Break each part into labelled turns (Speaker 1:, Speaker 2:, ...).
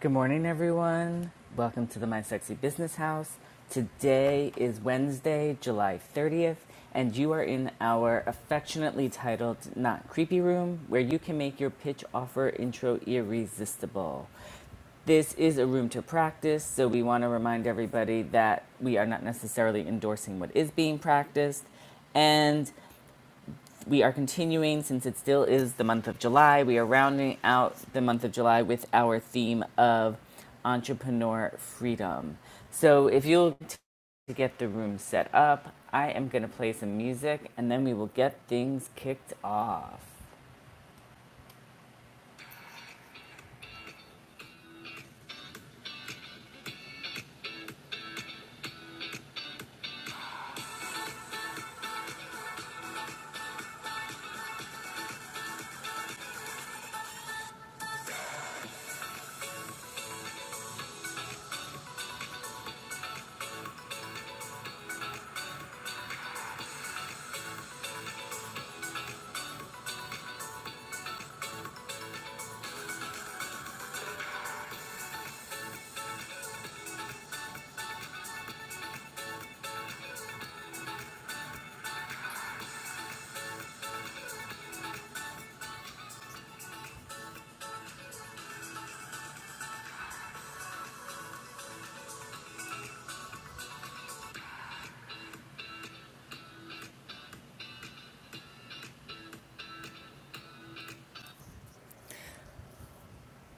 Speaker 1: Good morning, everyone. Welcome to the My Sexy Business House. Today is Wednesday, July 30th, and you are in our affectionately titled Not Creepy Room, where you can make your pitch offer intro irresistible. This is a room to practice, so we want to remind everybody that we are not necessarily endorsing what is being practiced. And we are continuing since it still is the month of July. We are rounding out the month of July with our theme of entrepreneur freedom. So if you'll t- to get the room set up, I am going to play some music and then we will get things kicked off.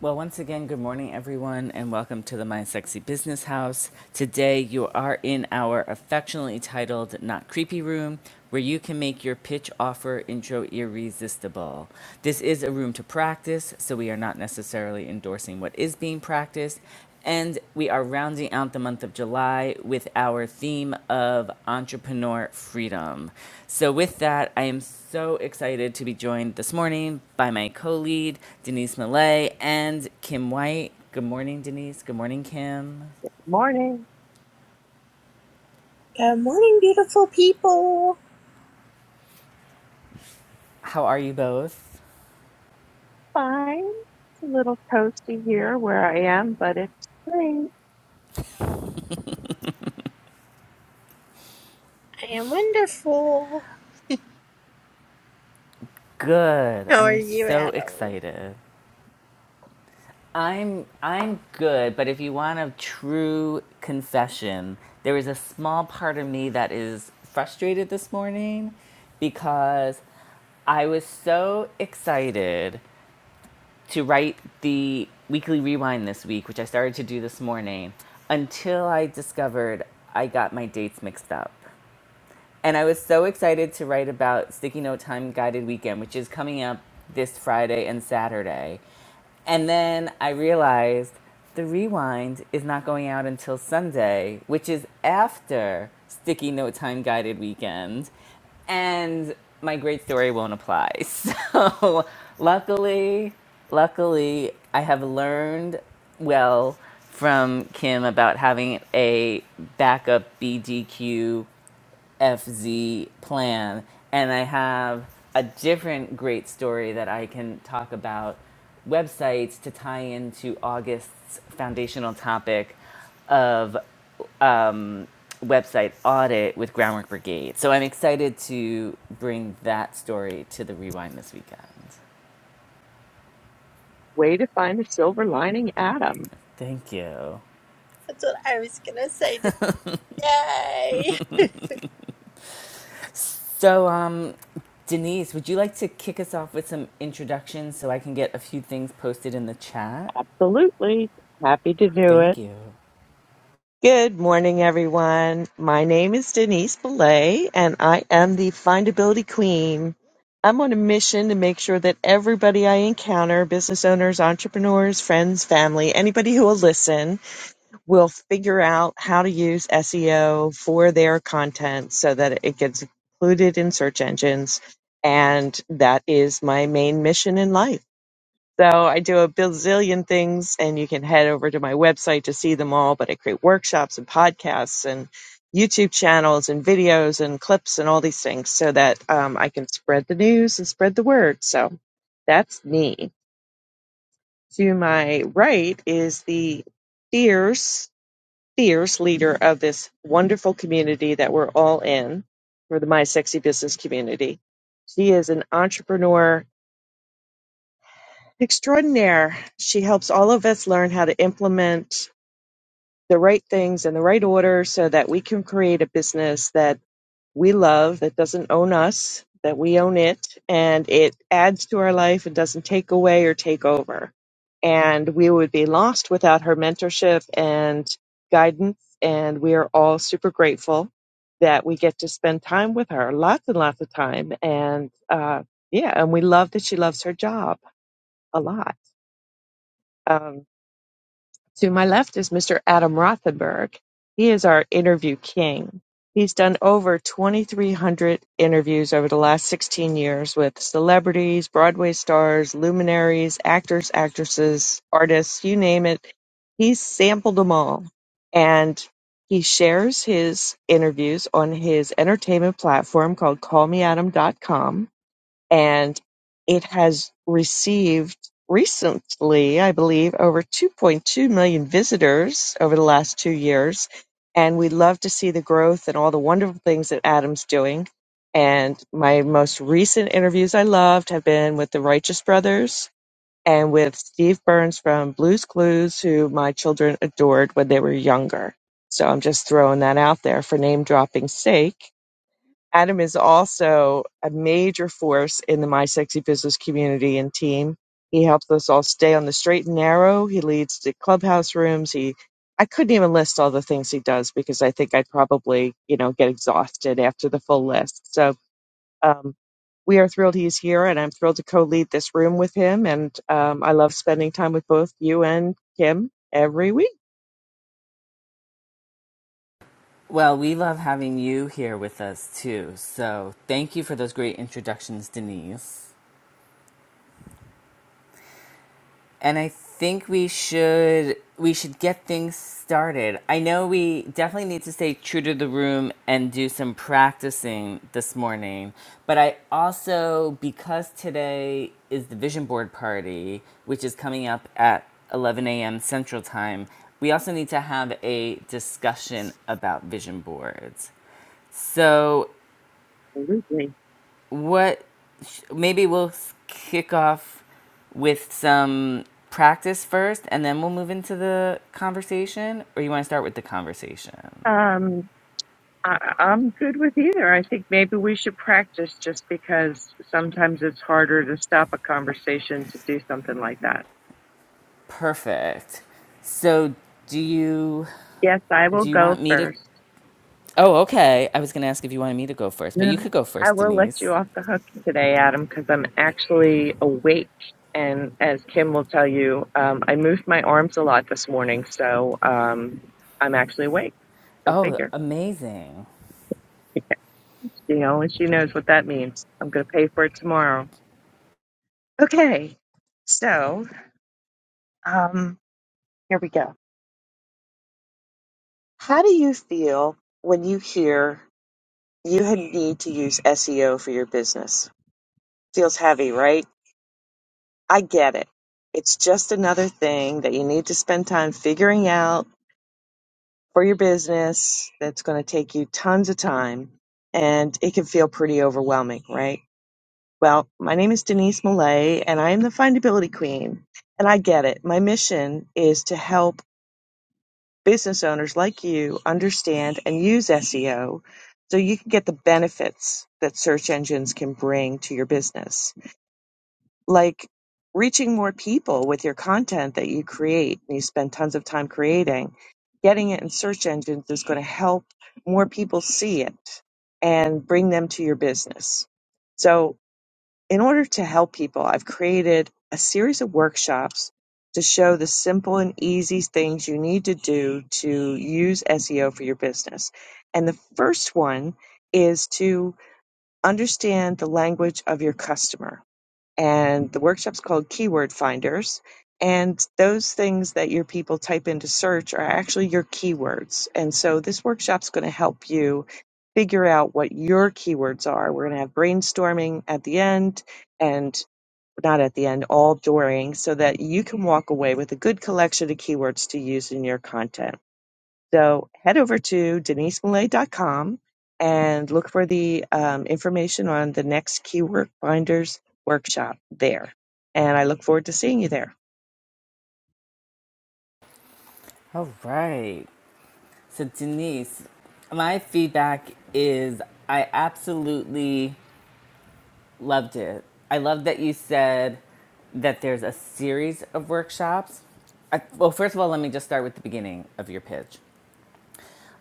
Speaker 1: Well, once again, good morning, everyone, and welcome to the My Sexy Business House. Today, you are in our affectionately titled Not Creepy Room, where you can make your pitch offer intro irresistible. This is a room to practice, so we are not necessarily endorsing what is being practiced, and we are rounding out the month of July with our theme of entrepreneur freedom. So, with that, I am so excited to be joined this morning by my co lead, Denise Millay, and Kim White. Good morning, Denise. Good morning, Kim.
Speaker 2: Morning.
Speaker 3: Good morning, beautiful people.
Speaker 1: How are you both?
Speaker 2: Fine. It's a little toasty here where I am, but it's great.
Speaker 3: I am wonderful.
Speaker 1: Good.
Speaker 3: How are
Speaker 1: I'm
Speaker 3: you,
Speaker 1: so
Speaker 3: Adam?
Speaker 1: excited. I'm I'm good, but if you want a true confession, there is a small part of me that is frustrated this morning because I was so excited to write the weekly rewind this week, which I started to do this morning, until I discovered I got my dates mixed up. And I was so excited to write about Sticky Note Time Guided Weekend, which is coming up this Friday and Saturday. And then I realized the rewind is not going out until Sunday, which is after Sticky Note Time Guided Weekend. And my great story won't apply. So luckily, luckily, I have learned well from Kim about having a backup BDQ FZ plan. And I have a different great story that I can talk about websites to tie into August's foundational topic of um, website audit with Groundwork Brigade. So I'm excited to bring that story to the rewind this weekend.
Speaker 2: Way to find a silver lining, Adam.
Speaker 1: Thank you.
Speaker 3: That's what I was going to say today.
Speaker 1: So, um, Denise, would you like to kick us off with some introductions so I can get a few things posted in the chat?
Speaker 2: Absolutely. Happy to do
Speaker 1: Thank
Speaker 2: it.
Speaker 1: you.
Speaker 2: Good morning, everyone. My name is Denise Belay, and I am the Findability Queen. I'm on a mission to make sure that everybody I encounter business owners, entrepreneurs, friends, family, anybody who will listen will figure out how to use SEO for their content so that it gets included in search engines. And that is my main mission in life. So I do a bazillion things, and you can head over to my website to see them all. But I create workshops and podcasts and YouTube channels and videos and clips and all these things so that um, I can spread the news and spread the word. So that's me. To my right is the fierce fierce leader of this wonderful community that we're all in for the My Sexy Business community. She is an entrepreneur extraordinaire. She helps all of us learn how to implement the right things in the right order so that we can create a business that we love that doesn't own us, that we own it, and it adds to our life and doesn't take away or take over. And we would be lost without her mentorship and guidance. And we are all super grateful that we get to spend time with her, lots and lots of time. And uh, yeah, and we love that she loves her job a lot. Um, to my left is Mr. Adam Rothenberg. He is our interview king. He's done over 2,300 interviews over the last 16 years with celebrities, Broadway stars, luminaries, actors, actresses, artists, you name it. He's sampled them all. And he shares his interviews on his entertainment platform called callmeadam.com and it has received recently, I believe, over 2.2 million visitors over the last two years. And we love to see the growth and all the wonderful things that Adam's doing. And my most recent interviews I loved have been with the Righteous Brothers and with Steve Burns from Blues Clues, who my children adored when they were younger. So I'm just throwing that out there for name dropping's sake Adam is also a major force in the My Sexy Business community and team. He helps us all stay on the straight and narrow. He leads the clubhouse rooms. He, I couldn't even list all the things he does because I think I'd probably, you know, get exhausted after the full list. So um, we are thrilled he's here, and I'm thrilled to co-lead this room with him. And um, I love spending time with both you and Kim every week.
Speaker 1: Well, we love having you here with us too. So thank you for those great introductions, Denise. And I think we should we should get things started. I know we definitely need to stay true to the room and do some practicing this morning, but I also because today is the vision board party, which is coming up at 11 a.m. Central Time, we also need to have a discussion about vision boards. So
Speaker 2: Absolutely.
Speaker 1: what sh- maybe we'll s- kick off with some practice first and then we'll move into the conversation or you want to start with the conversation
Speaker 2: Um, I, I'm good with either. I think maybe we should practice just because sometimes it's harder to stop a conversation to do something like that.
Speaker 1: perfect so do you
Speaker 2: Yes, I will
Speaker 1: do you
Speaker 2: go
Speaker 1: want me to
Speaker 2: first.
Speaker 1: oh okay i was going to ask if you wanted me to go first but
Speaker 2: No,
Speaker 1: you could go
Speaker 2: I
Speaker 1: first
Speaker 2: will let
Speaker 1: denise
Speaker 2: you off the hook today, Adam, because I'm actually awake. And as Kim will tell you, um, I moved my arms a lot this morning, so um, I'm actually awake. Go
Speaker 1: oh
Speaker 2: figure.
Speaker 1: amazing
Speaker 2: You know, and she knows what that means. I'm going to pay for it tomorrow. Okay, so um, here we go. How do you feel when you hear you had need to use SEO for your business? Feels heavy, right? I get it. It's just another thing that you need to spend time figuring out for your business that's going to take you tons of time and it can feel pretty overwhelming, right? Well, my name is Denise Millay and I am the findability queen. And I get it. My mission is to help business owners like you understand and use SEO so you can get the benefits that search engines can bring to your business. like reaching more people with your content that you create and you spend tons of time creating, getting it in search engines is going to help more people see it and bring them to your business. So, in order to help people, I've created a series of workshops to show the simple and easy things you need to do to use SEO for your business. And the first one is to understand the language of your customer and the workshop's called Keyword Finders. And those things that your people type into search are actually your keywords. And so this workshop's going to help you figure out what your keywords are. We're going to have brainstorming at the end and not at the end, all during, so that you can walk away with a good collection of keywords to use in your content. So head over to denisemillay.com and look for the um, information on the next Keyword Binders workshop there. And I look forward to seeing you there.
Speaker 1: all right so denise my feedback is i absolutely Loved it. I love that you said that there's a series of workshops. I, well, first of all, let me just start with the beginning of your pitch.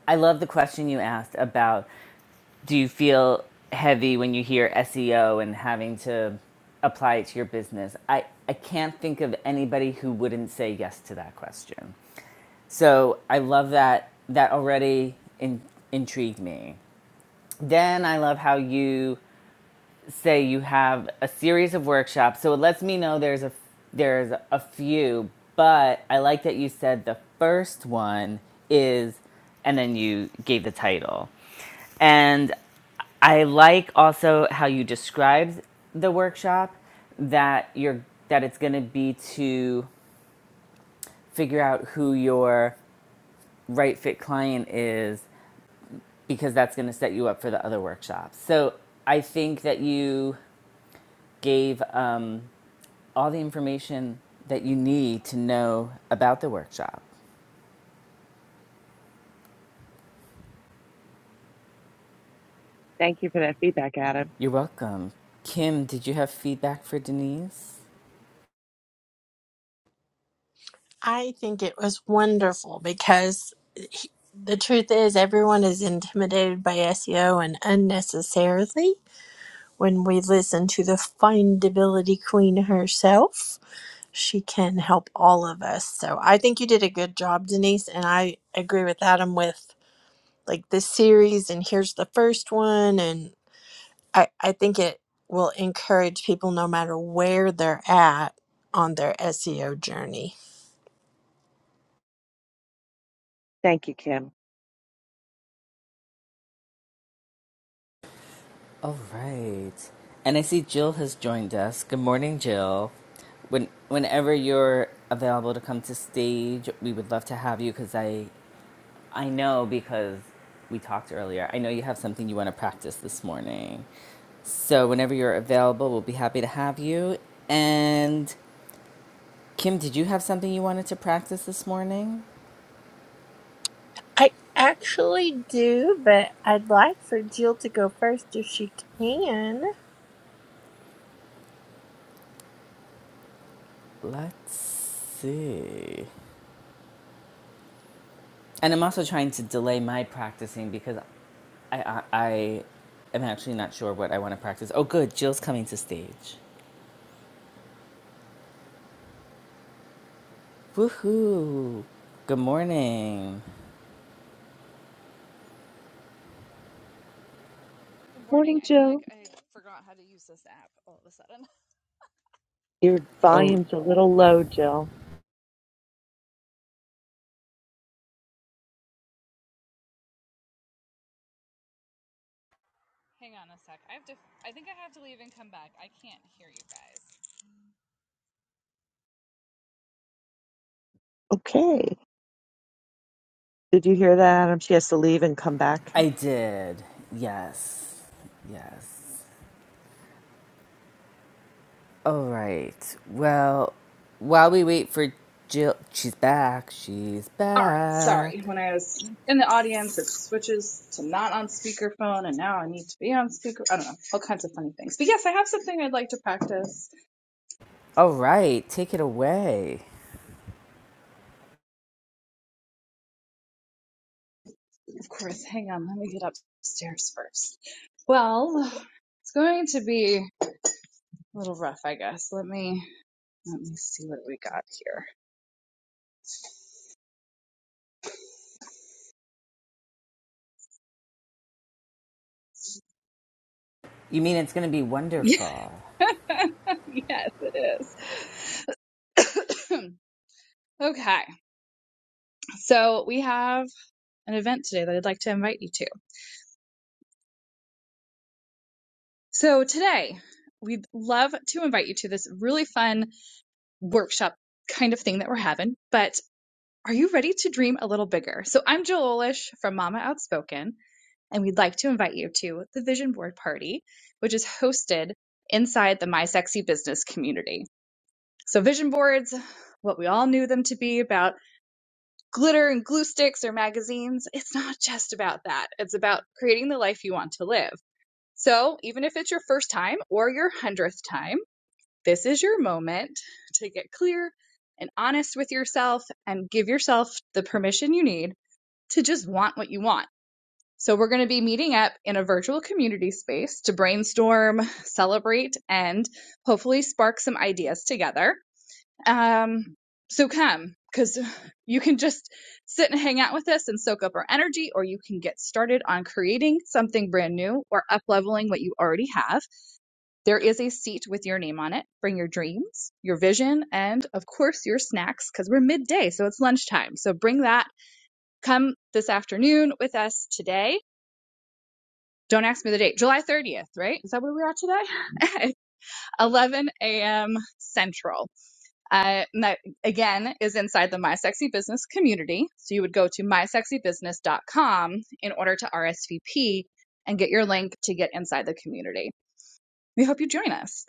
Speaker 1: I love the question you asked about do you feel heavy when you hear SEO and having to apply it to your business? I, I can't think of anybody who wouldn't say yes to that question. So I love that. That already in, intrigued me. Then I love how you say you have a series of workshops so it lets me know there's a there's a few but i like that you said the first one is and then you gave the title and i like also how you described the workshop that you're that it's going to be to figure out who your right fit client is because that's going to set you up for the other workshops so i think that you gave um, all the information that you need to know about the workshop.
Speaker 2: Thank you for that feedback, Adam.
Speaker 1: You're welcome. Kim, did you have feedback for Denise?
Speaker 3: I think it was wonderful because he- the truth is, everyone is intimidated by SEO and unnecessarily. When we listen to the findability queen herself, she can help all of us. So I think you did a good job, Denise. And I agree with Adam with like this series and here's the first one and I, I think it will encourage people no matter where they're at on their SEO journey.
Speaker 2: Thank you, Kim.
Speaker 1: All right. And I see Jill has joined us. Good morning, Jill. When whenever you're available to come to stage, we would love to have you cuz I I know because we talked earlier. I know you have something you want to practice this morning. So whenever you're available, we'll be happy to have you. And Kim, did you have something you wanted to practice this morning?
Speaker 3: I actually do, but I'd like for Jill to go first if she can.
Speaker 1: Let's see. And I'm also trying to delay my practicing because I, I, I am actually not sure what I want to practice. Oh, good. Jill's coming to stage. Woohoo. Good morning.
Speaker 4: Good morning.
Speaker 2: Morning,
Speaker 4: I feel like
Speaker 2: Jill.
Speaker 4: I forgot how to use this app all of a sudden.
Speaker 2: Your
Speaker 1: Oh,
Speaker 2: volume's a little low, Jill.
Speaker 4: Hang on a sec. I have to I think I have to leave and come back. I can't hear you guys.
Speaker 2: Okay. Did you hear that, Adam? She has to leave and come back.
Speaker 1: I did. Yes. Yes. All right. Well, while we wait for Jill, she's back. She's
Speaker 4: All right.
Speaker 1: back.
Speaker 4: Sorry. When I was in the audience, it switches to not on speakerphone and now I need to be on speaker. I don't know. All kinds of funny things. But yes, I have something I'd like to practice.
Speaker 1: All right. Take it away.
Speaker 4: Of course. Hang on. Let me get upstairs first. Well, it's going to be a little rough, I guess. Let me let me see what we got here.
Speaker 1: You mean it's going to be
Speaker 4: Yeah.
Speaker 1: wonderful?
Speaker 4: yes, it is. okay, so we have an event today that I'd like to invite you to. So today, we'd love to invite you to this really fun workshop kind of thing that we're having, but are you ready to dream a little bigger? So I'm Jill Olish from Mama Outspoken, and we'd like to invite you to the Vision Board Party, which is hosted inside the My Sexy Business community. So vision boards, what we all knew them to be about glitter and glue sticks or magazines. It's not just about that. It's about creating the life you want to live. So, even if it's your first time or your hundredth time, this is your moment to get clear and honest with yourself and give yourself the permission you need to just want what you want. So, we're going to be meeting up in a virtual community space to brainstorm, celebrate, and hopefully spark some ideas together. Um, so come, because you can just sit and hang out with us and soak up our energy, or you can get started on creating something brand new or up leveling what you already have. There is a seat with your name on it. Bring your dreams, your vision, and of course your snacks, because we're midday, so it's lunchtime. So bring that. Come this afternoon with us today. Don't ask me the date. July 30th, right? Is that where we are at today? 11 a.m. Central. Uh, and that again is inside the My Sexy Business community. So you would go to mysexybusiness.com in order to RSVP and get your link to get inside the community. We hope you join us.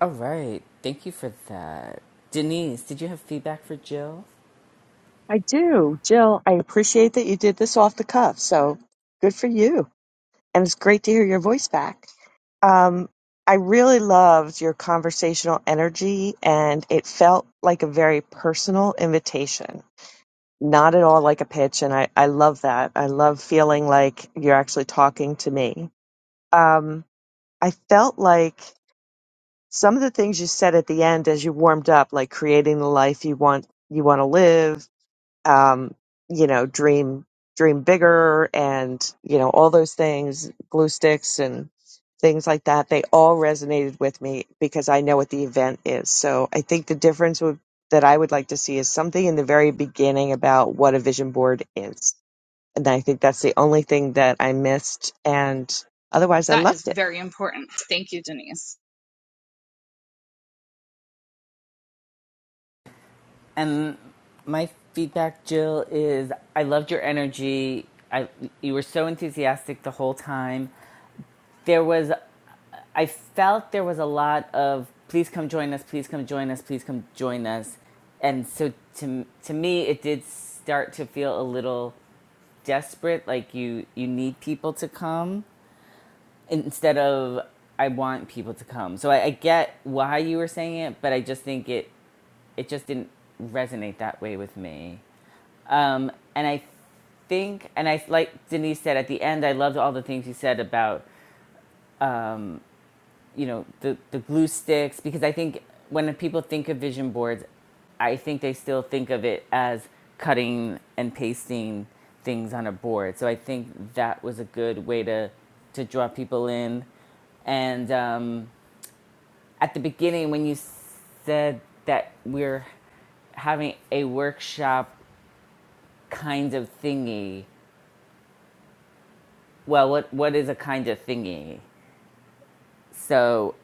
Speaker 1: All right. Thank you for that. Denise, did you have feedback for Jill?
Speaker 2: I do. Jill, I appreciate that you did this off the cuff. So good for you. And it's great to hear your voice back. Um, I really loved your conversational energy, and it felt like a very personal invitation, not at all like a pitch. And I, I love that. I love feeling like you're actually talking to me. Um, I felt like some of the things you said at the end as you warmed up, like creating the life you want you want to live um, you know, dream dream bigger and, you know, all those things, glue sticks and things like that, they all resonated with me because I know what the event is. So I think the difference would that I would like to see is something in the very beginning about what a vision board is and I think that's the only thing that I missed. And otherwise, I
Speaker 4: That is
Speaker 2: loved it.
Speaker 4: very important. Thank you, Denise.
Speaker 1: And my feedback, Jill, is I loved your energy. I, you were so enthusiastic the whole time. There was, I felt there was a lot of, please come join us, please come join us, please come join us. And so to, to me, it did start to feel a little desperate, like you, you need people to come instead of I want people to come. So I, I get why you were saying it, but I just think it it just didn't resonate that way with me. Um, and I think, and I like Denise said at the end, I loved all the things you said about you know the the glue sticks because I think when people think of vision boards, I think they still think of it as cutting and pasting things on a board. So I think that was a good way to to draw people in, and um, at the beginning when you said that we're having a workshop kind of thingy. Well, what what is a kind of thingy? So,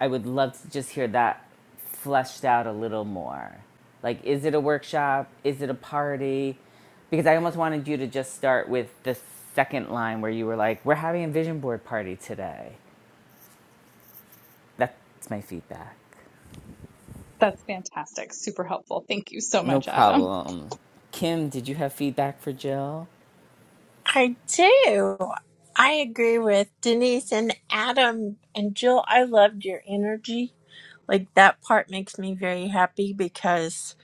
Speaker 1: I would love to just hear that fleshed out a little more. Like, is it a workshop? Is it a party? Because I almost wanted you to just start with the second line where you were like, "We're having a vision board party today." That's my feedback.
Speaker 4: That's fantastic. Super helpful. Thank you so
Speaker 1: No
Speaker 4: much, Adam.
Speaker 1: problem. Kim, did you have feedback for Jill?
Speaker 3: I do. I agree with Denise and Adam and Jill. I loved your energy. Like that part makes me very happy because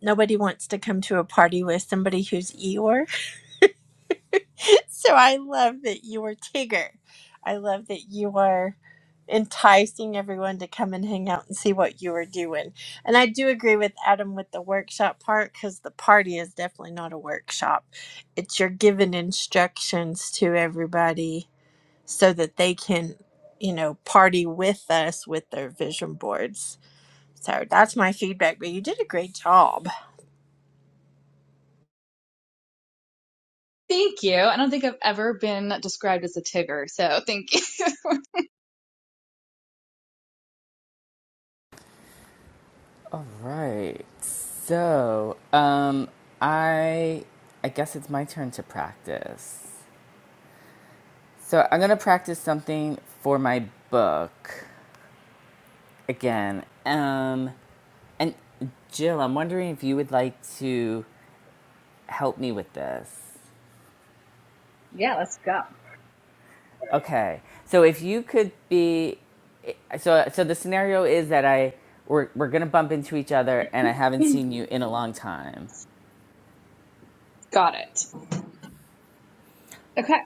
Speaker 3: nobody wants to come to a party with somebody who's Eeyore. so I love that you are Tigger. I love that you are enticing everyone to come and hang out and see what you are doing. And I do agree with Adam with the workshop part because the party is definitely not a workshop. It's you're giving instructions to everybody so that they can, you know, party with us with their vision boards. So that's my feedback, but you did a great job.
Speaker 4: Thank you. I don't think I've ever been described as a Tigger, so thank you.
Speaker 1: Right. So, um, I I guess it's my turn to practice. So I'm gonna practice something for my book again. Um, and Jill, I'm wondering if you would like to help me with this.
Speaker 4: Yeah, let's go.
Speaker 1: Okay. So if you could be, so so the scenario is that I we're we're gonna bump into each other, and I haven't seen you in a long time.
Speaker 4: Got it. Okay.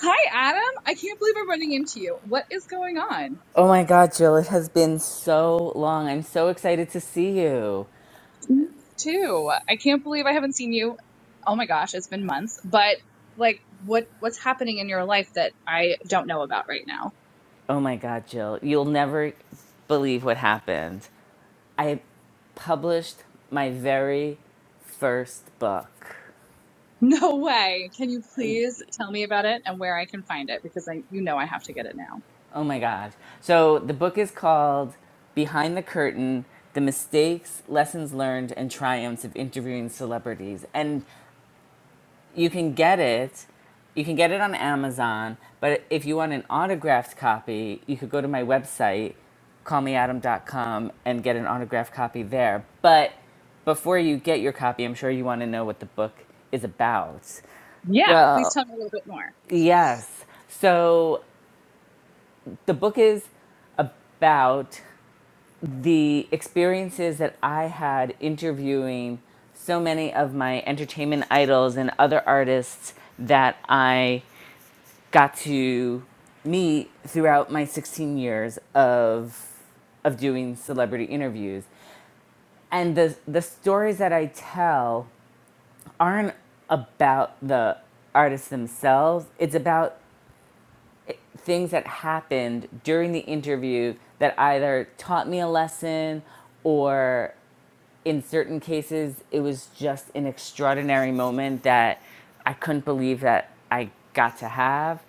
Speaker 4: Hi, Adam. I can't believe I'm running into you. What is going on?
Speaker 1: Oh my God, Jill, it has been so long. I'm so excited to see you.
Speaker 4: too. I can't believe I haven't seen you. Oh my gosh, it's been months. But like what what's happening in your life that I don't know about right now?
Speaker 1: Oh my God, Jill, you'll never believe what happened. I published my very first book.
Speaker 4: No way. Can you please tell me about it and where I can find it because I you know I have to get it now.
Speaker 1: Oh my God. So the book is called Behind the Curtain The Mistakes, Lessons Learned, and Triumphs of Interviewing Celebrities. And you can get it. You can get it on Amazon, but if you want an autographed copy, you could go to my website, callmeadam.com, and get an autographed copy there. But before you get your copy, I'm sure you want to know what the book is about.
Speaker 4: Yeah, please
Speaker 1: Well,
Speaker 4: tell me a little bit more.
Speaker 1: yes. So the book is about the experiences that I had interviewing so many of my entertainment idols and other artists that I got to meet throughout my 16 years of of doing celebrity interviews and the the stories that I tell aren't about the artists themselves it's about things that happened during the interview that either taught me a lesson or in certain cases, it was just an extraordinary moment that I couldn't believe that I got to have.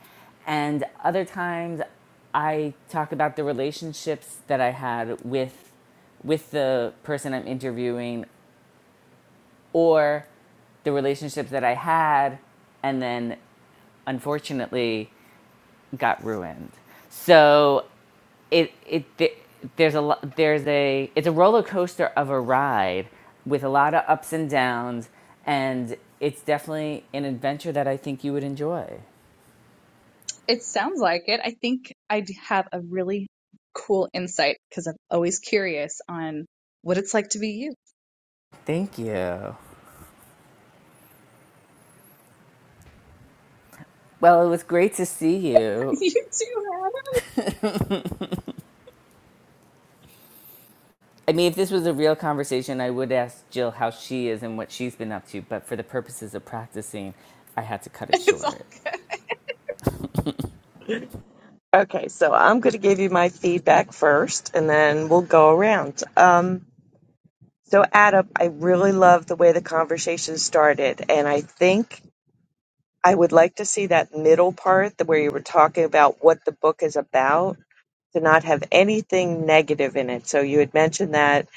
Speaker 1: And other times, I talk about the relationships that I had with with the person I'm interviewing, or the relationships that I had, and then unfortunately got ruined. So it it th- there's a lo- there's a it's a roller coaster of a ride with a lot of ups and downs, and it's definitely an adventure that I think you would enjoy.
Speaker 4: It sounds like it. I think I'd have a really cool insight because I'm always curious on what it's like to be you.
Speaker 1: Thank you. Well, it was great to see you.
Speaker 4: you too,
Speaker 1: I mean, if this was a real conversation, I would ask Jill how she is and what she's been up to, but for the purposes of practicing, I had to cut it
Speaker 4: Hannah. It's all
Speaker 1: short.
Speaker 4: good.
Speaker 2: Okay, so I'm going to give you my feedback first, and then we'll go around. Um, so, Adam, I really love the way the conversation started, and I think I would like to see that middle part the- where you were talking about what the book is about. to not have anything negative in it. So you had mentioned that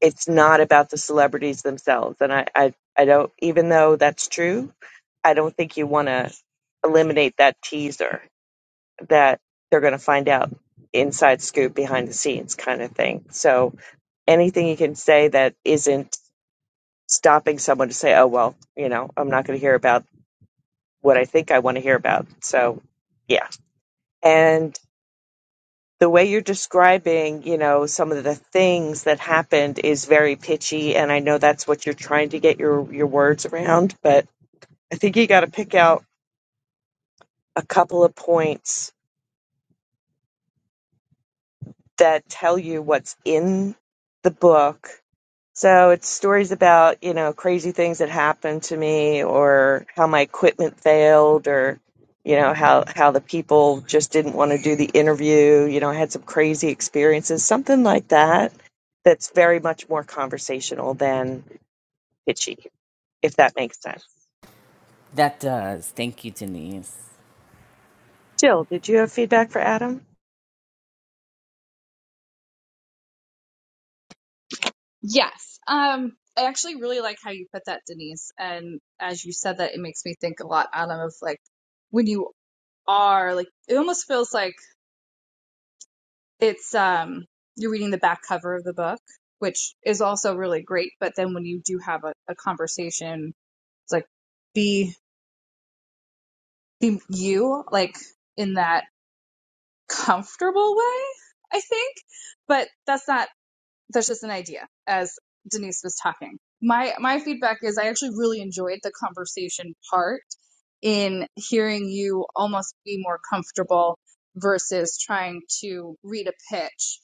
Speaker 2: it's not about the celebrities themselves. And I, I, I don't, even though that's true, I don't think you want to eliminate that teaser that they're going to find out inside scoop behind the scenes kind of thing. So anything you can say that isn't stopping someone to say, oh, well, you know, I'm not going to hear about what I think I want to hear about. So, yeah. and. the way you're describing, you know, some of the things that happened is very pitchy, and I know that's what you're trying to get your your words around, but I think you got to pick out a couple of points that tell you what's in the book So it's stories about, you know, crazy things that happened to me or how my equipment failed or, you know, how, how the people just didn't want to do the interview. You know, I had some crazy experiences, something like that, that's very much more conversational than pitchy, if that makes sense.
Speaker 1: That does. Thank you, Denise.
Speaker 2: Jill, did you have feedback for Adam?
Speaker 4: Yes. Um, I actually really like how you put that, Denise. And as you said that, it makes me think a lot, Adam, of like when you are like, it almost feels like it's, um, you're reading the back cover of the book, which is also really great. But then when you do have a, a conversation, it's like, be, be you, like in that comfortable way, I think. But that's not that's just an idea as Denise was talking. My my feedback is I actually really enjoyed the conversation part in hearing you almost be more comfortable versus trying to read a pitch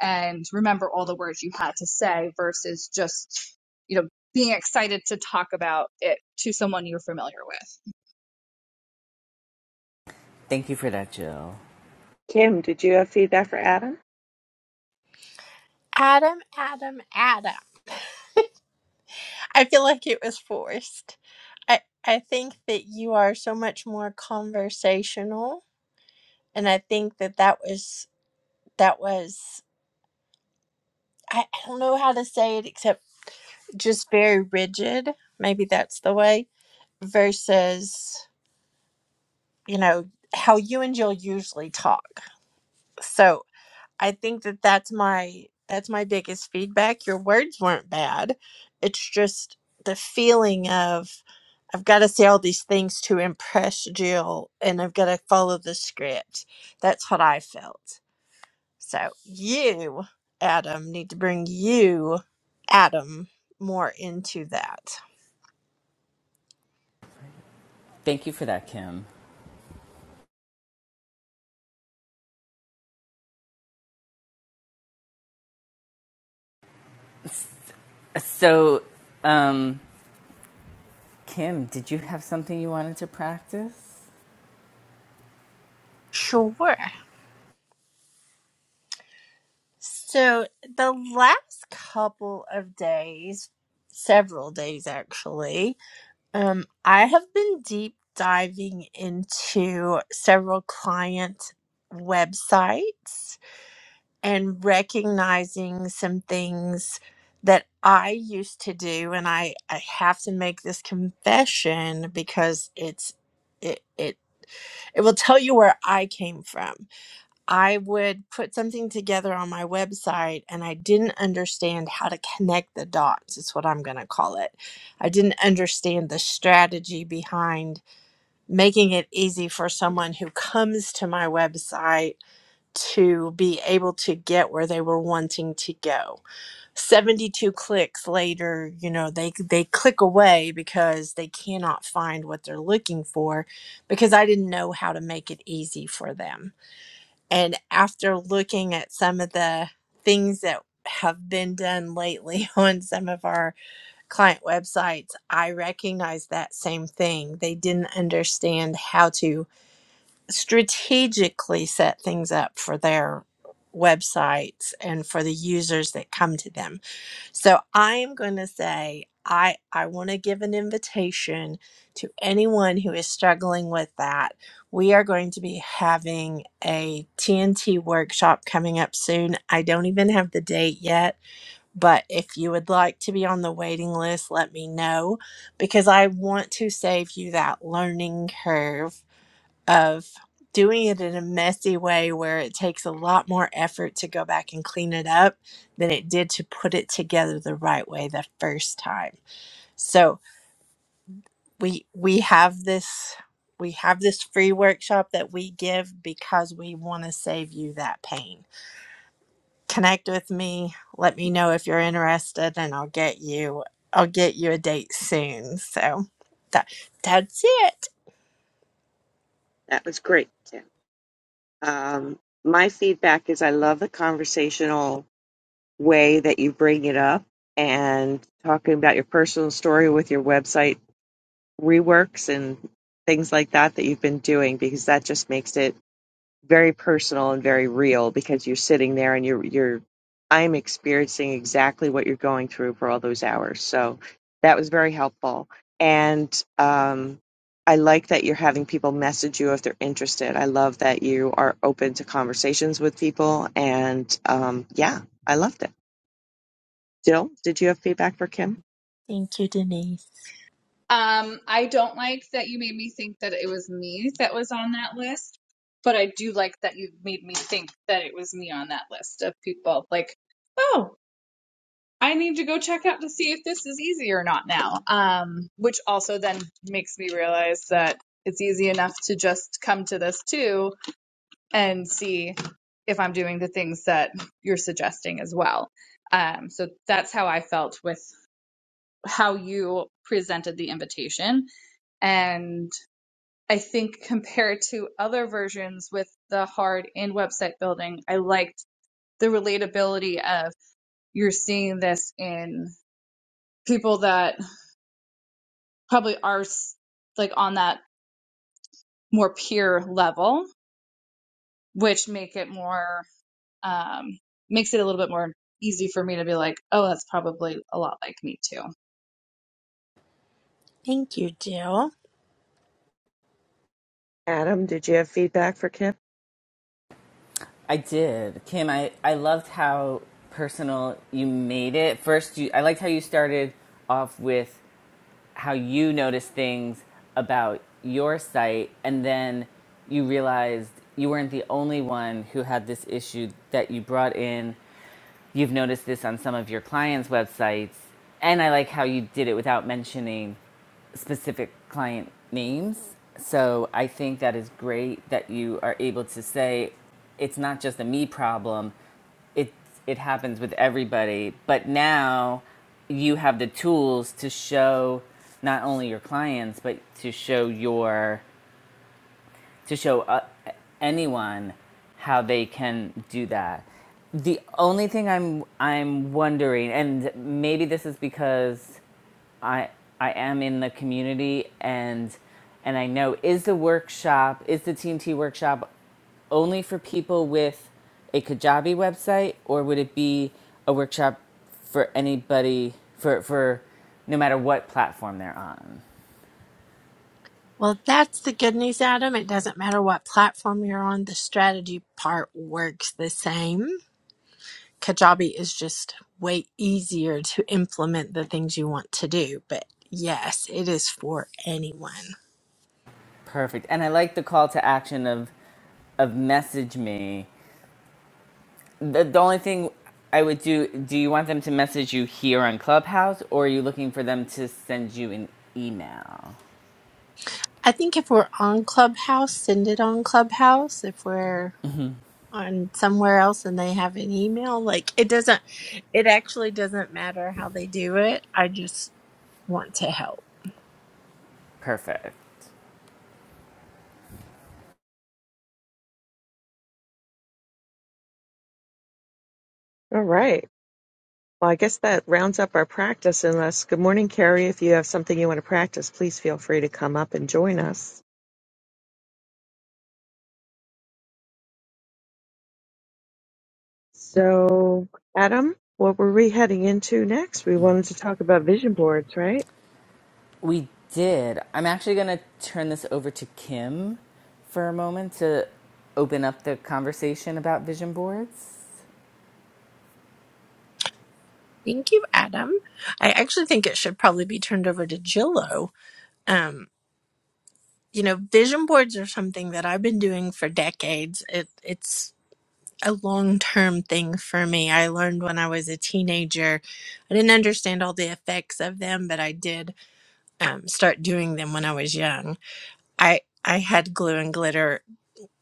Speaker 4: and remember all the words you had to say versus just you know being excited to talk about it to someone you're familiar with.
Speaker 1: Thank you for that, Jill.
Speaker 2: Kim, did you have feedback for Adam?
Speaker 3: Adam, Adam, Adam. I feel like it was forced. I, I think that you are so much more conversational and i think that that was that was I, I don't know how to say it except just very rigid maybe that's the way versus you know how you and jill usually talk so I think that that's my that's my biggest feedback. Your words weren't bad. It's just the feeling of I've got to say all these things to impress Jill and I've got to follow the script. That's what I felt. So you, Adam, need to bring you, Adam, more into that.
Speaker 1: Thank you for that, Kim. So, um, Kim, did you have something you wanted to practice?
Speaker 3: Sure. So the last couple of days, several days actually, Um, I have been deep diving into several client websites and recognizing some things that I used to do, and I, I have to make this confession because it's it it it will tell you where I came from. I would put something together on my website and I didn't understand how to connect the dots, is what I'm going to call it. I didn't understand the strategy behind making it easy for someone who comes to my website to be able to get where they were wanting to go. 72 clicks later, you know, they they click away because they cannot find what they're looking for because I didn't know how to make it easy for them. And after looking at some of the things that have been done lately on some of our client websites, I recognize that same thing. They didn't understand how to strategically set things up for their websites and for the users that come to them. So I am going to say I I want to give an invitation to anyone who is struggling with that. We are going to be having a TNT workshop coming up soon. I don't even have the date yet, but if you would like to be on the waiting list, let me know because I want to save you that learning curve of doing it in a messy way where it takes a lot more effort to go back and clean it up than it did to put it together the right way the first time. So we we have this we have this free workshop that we give because we want to save you that pain. Connect with me, let me know if you're interested and I'll get you I'll get you a date soon. So that that's it.
Speaker 2: That was great, Kim. Um, my feedback is I love the conversational. way that you bring it up and talking about your personal story with your website reworks and things like that that you've been doing because that just makes it very personal and very real because you're sitting there and you're you're I'm experiencing exactly what you're going through for all those hours. So that was very helpful. And um I like that you're having people message you if they're interested. I love that you are open to conversations with people and um yeah, I loved it. Jill, did you have feedback for Kim?
Speaker 3: Thank you Denise.
Speaker 4: Um, I don't like that you made me think that it was me that was on that list, but I do like that you made me think that it was me on that list of people. Like, oh, I need to go check out to see if this is easy or not now. Um, which also then makes me realize that it's easy enough to just come to this too and see if I'm doing the things that you're suggesting as well. Um, so that's how I felt with how you presented the invitation and I think compared to other versions with the hard and website building, I liked the relatability of you're seeing this in people that probably are s- like on that more peer level, which make it more um, makes it a little bit more easy for me to be like, oh, that's probably a lot like me too.
Speaker 3: Thank you Jill.
Speaker 2: Adam, did you have feedback for Kim?
Speaker 1: I did. Kim, I, I loved how personal you made it. First, you, I liked how you started off with how you noticed things about your site, and then you realized you weren't the only one who had this issue that you brought in. You've noticed this on some of your clients' websites, and I like how you did it without mentioning specific client names. So I think that is great that you are able to say it's not just a me problem. It it happens with everybody, but now you have the tools to show not only your clients but to show your to show uh, anyone how they can do that. The only thing I'm I'm wondering and maybe this is because I I am in the community and and I know is the workshop is the TNT workshop only for people with a Kajabi website or would it be a workshop for anybody for for no matter what platform they're on?
Speaker 3: Well, that's the good news, Adam. It doesn't matter what platform you're on, the strategy part works the same. Kajabi is just way easier to implement the things you want to do. But yes, it is for anyone.
Speaker 1: Perfect. And I like the call to action of of message me. The, the only thing I would do do you want them to message you here on Clubhouse or are you looking for them to send you an email?
Speaker 3: I think if we're on Clubhouse, send it on Clubhouse. If we're on somewhere else and they have an email, like it doesn't, it actually doesn't matter how they do it. I just want to help.
Speaker 1: Perfect.
Speaker 2: All right. Well, I guess that rounds up our practice. Unless, good morning, Carrie. If you have something you want to practice, please feel free to come up and join us. So, Adam, what were we heading into next? We wanted to talk about vision boards, right?
Speaker 1: We did. I'm actually going to turn this over to Kim for a moment to open up the conversation about vision boards.
Speaker 3: Thank you, Adam. I actually think it should probably be turned over to Jillo. Um, you know, vision boards are something that I've been doing for decades. It it's a long-term thing for me. I learned when I was a teenager. I didn't understand all the effects of them, but I did um, start doing them when I was young. I I had glue and glitter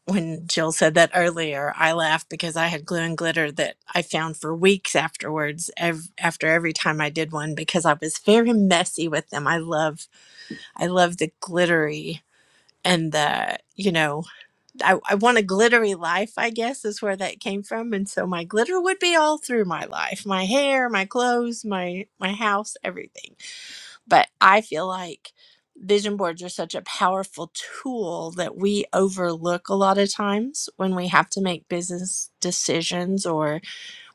Speaker 3: when Jill said that earlier, I laughed because I had glue and glitter that I found for weeks afterwards. Ev- after every time I did one, because I was very messy with them. I love, I love the glittery and the, you know, I, I want a glittery life. I guess is where that came from. And so my glitter would be all through my life, my hair, my clothes, my my house, everything. But I feel like vision boards are such a powerful tool that we overlook a lot of times when we have to make business decisions or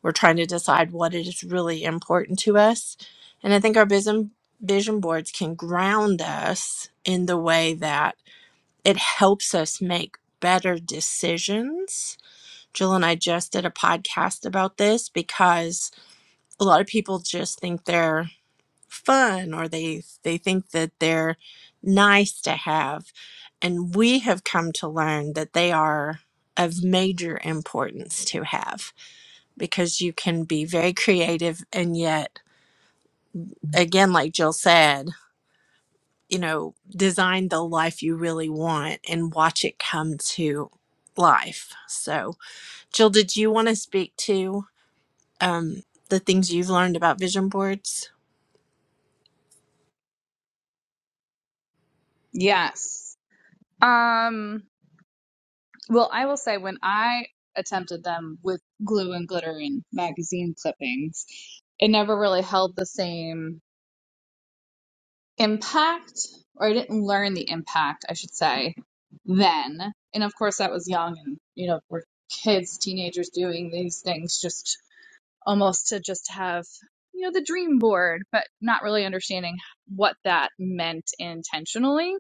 Speaker 3: we're trying to decide what is really important to us. And I think our vision vision boards can ground us in the way that it helps us make better decisions. Jill and I just did a podcast about this because a lot of people just think they're fun or they they think that they're nice to have and we have come to learn that they are of major importance to have because you can be very creative and yet again like Jill said you know design the life you really want and watch it come to life so Jill did you want to speak to um the things you've learned about vision boards
Speaker 4: Yes. Um. Well, I will say when I attempted them with glue and glitter and magazine clippings, it never really held the same impact, or I didn't learn the impact, I should say, then. And of course, that was young and, you know, we're kids, teenagers doing these things just almost to just have, you know, the dream board, but not really understanding what that meant intentionally.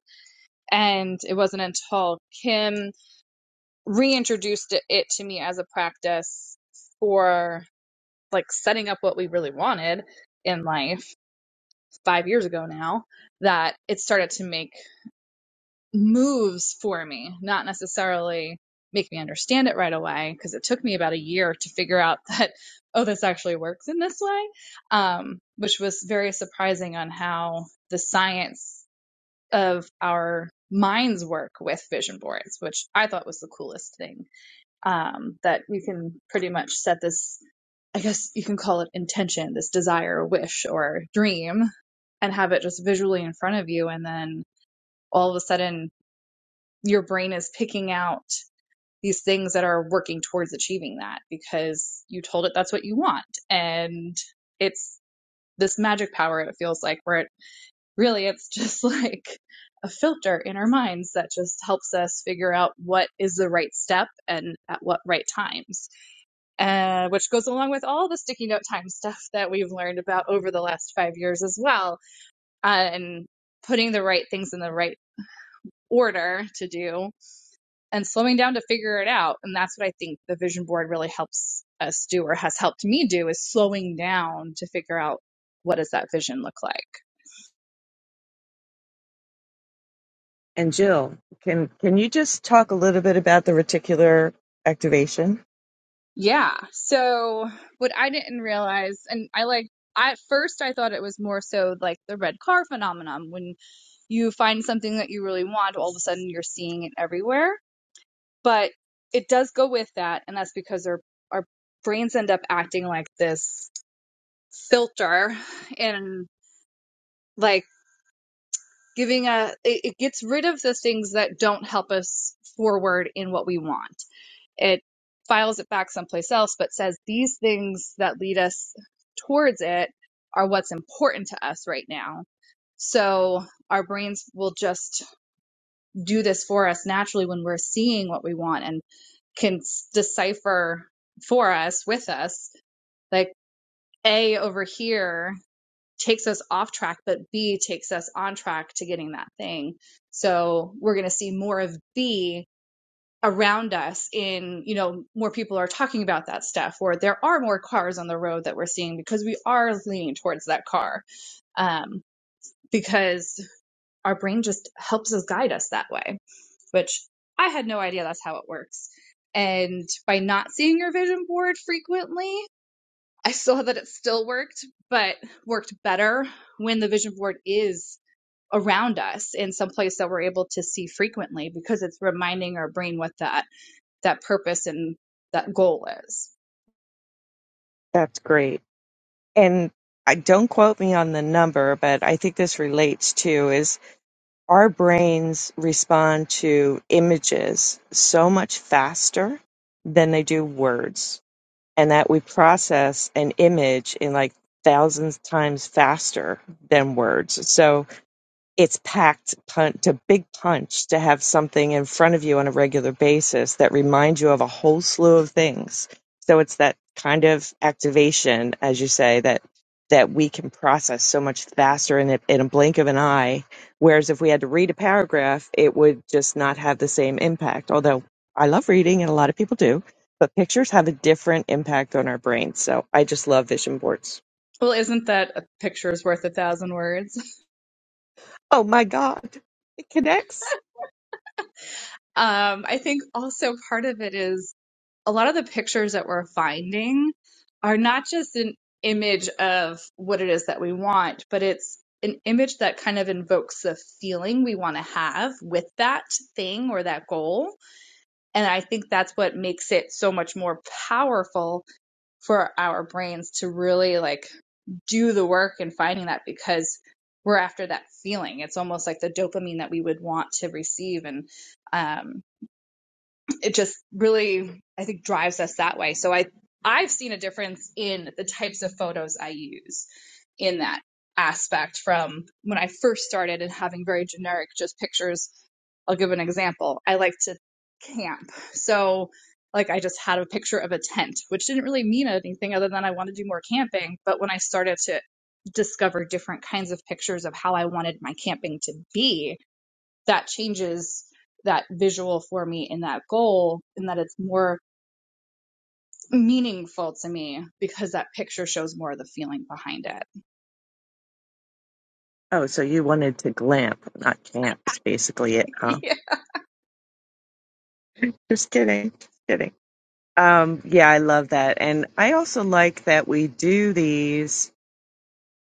Speaker 4: And it wasn't until Kim reintroduced it to me as a practice for like setting up what we really wanted in life five years ago now that it started to make moves for me, not necessarily make me understand it right away because it took me about a year to figure out that, oh, this actually works in this way, um, which was very surprising on how the science of our minds work with vision boards, which I thought was the coolest thing um, that you can pretty much set this i guess you can call it intention this desire wish or dream and have it just visually in front of you and then all of a sudden your brain is picking out these things that are working towards achieving that because you told it that's what you want and it's this magic power it feels like where it really it's just like a filter in our minds that just helps us figure out what is the right step and at what right times uh, which goes along with all the sticky note time stuff that we've learned about over the last five years as well, uh, and putting the right things in the right order to do and slowing down to figure it out. And that's what I think the vision board really helps us do or has helped me do is slowing down to figure out what does that vision look like.
Speaker 2: And Jill, can can you just talk a little bit about the reticular activation?
Speaker 4: Yeah. So what I didn't realize, and I like, I- at first I thought it was more so like the red car phenomenon when you find something that you really want, all of a sudden you're seeing it everywhere. But it does go with that, and that's because our our brains end up acting like this filter and like giving a it, it gets rid of the things that don't help us forward in what we want. It files it back someplace else, but says these things that lead us towards it are what's important to us right now. So our brains will just do this for us naturally when we're seeing what we want and can decipher for us with us like a over here takes us off track but b takes us on track to getting that thing so we're going to see more of b around us in you know more people are talking about that stuff or there are more cars on the road that we're seeing because we are leaning towards that car um, because our brain just helps us guide us that way which I had no idea that's how it works. And by not seeing your vision board frequently, I saw that it still worked, but worked better when the vision board is around us in some place that we're able to see frequently because it's reminding our brain what that that purpose and that goal is.
Speaker 2: That's great. and I don't quote me on the number, but I think this relates to is our brains respond to images so much faster than they do words, and that we process an image in like thousands times faster than words. So it's packed punch to big punch to have something in front of you on a regular basis that reminds you of a whole slew of things. So it's that kind of activation, as you say, that that we can process so much faster in a, in a blink of an eye. Whereas if we had to read a paragraph, it would just not have the same impact. Although I love reading, and a lot of people do, but pictures have a different impact on our brains. So I just love vision boards.
Speaker 4: Well, isn't that a picture's worth a thousand words?
Speaker 2: Oh my god, it connects.
Speaker 4: Um, I think also part of it is a lot of the pictures that we're finding are not just an image of what it is that we want, but it's an image that kind of invokes the feeling we want to have with that thing or that goal. And I think that's what makes it so much more powerful for our brains to really like do the work in finding that because we're after that feeling. It's almost like the dopamine that we would want to receive. And, um, it just really i think drives us that way so i i've seen a difference in the types of photos i use in that aspect from when i first started and having very generic just pictures i'll give an example i like to camp so like i just had a picture of a tent which didn't really mean anything other than i want to do more camping but when i started to discover different kinds of pictures of how i wanted my camping to be that changes that visual for me in that goal and that it's more meaningful to me because that picture shows more of the feeling behind it.
Speaker 2: Oh, so you wanted to glamp, not camp. It's basically it, huh?
Speaker 4: yeah.
Speaker 2: Just kidding. Just kidding. Um, yeah, I love that. And I also like that we do these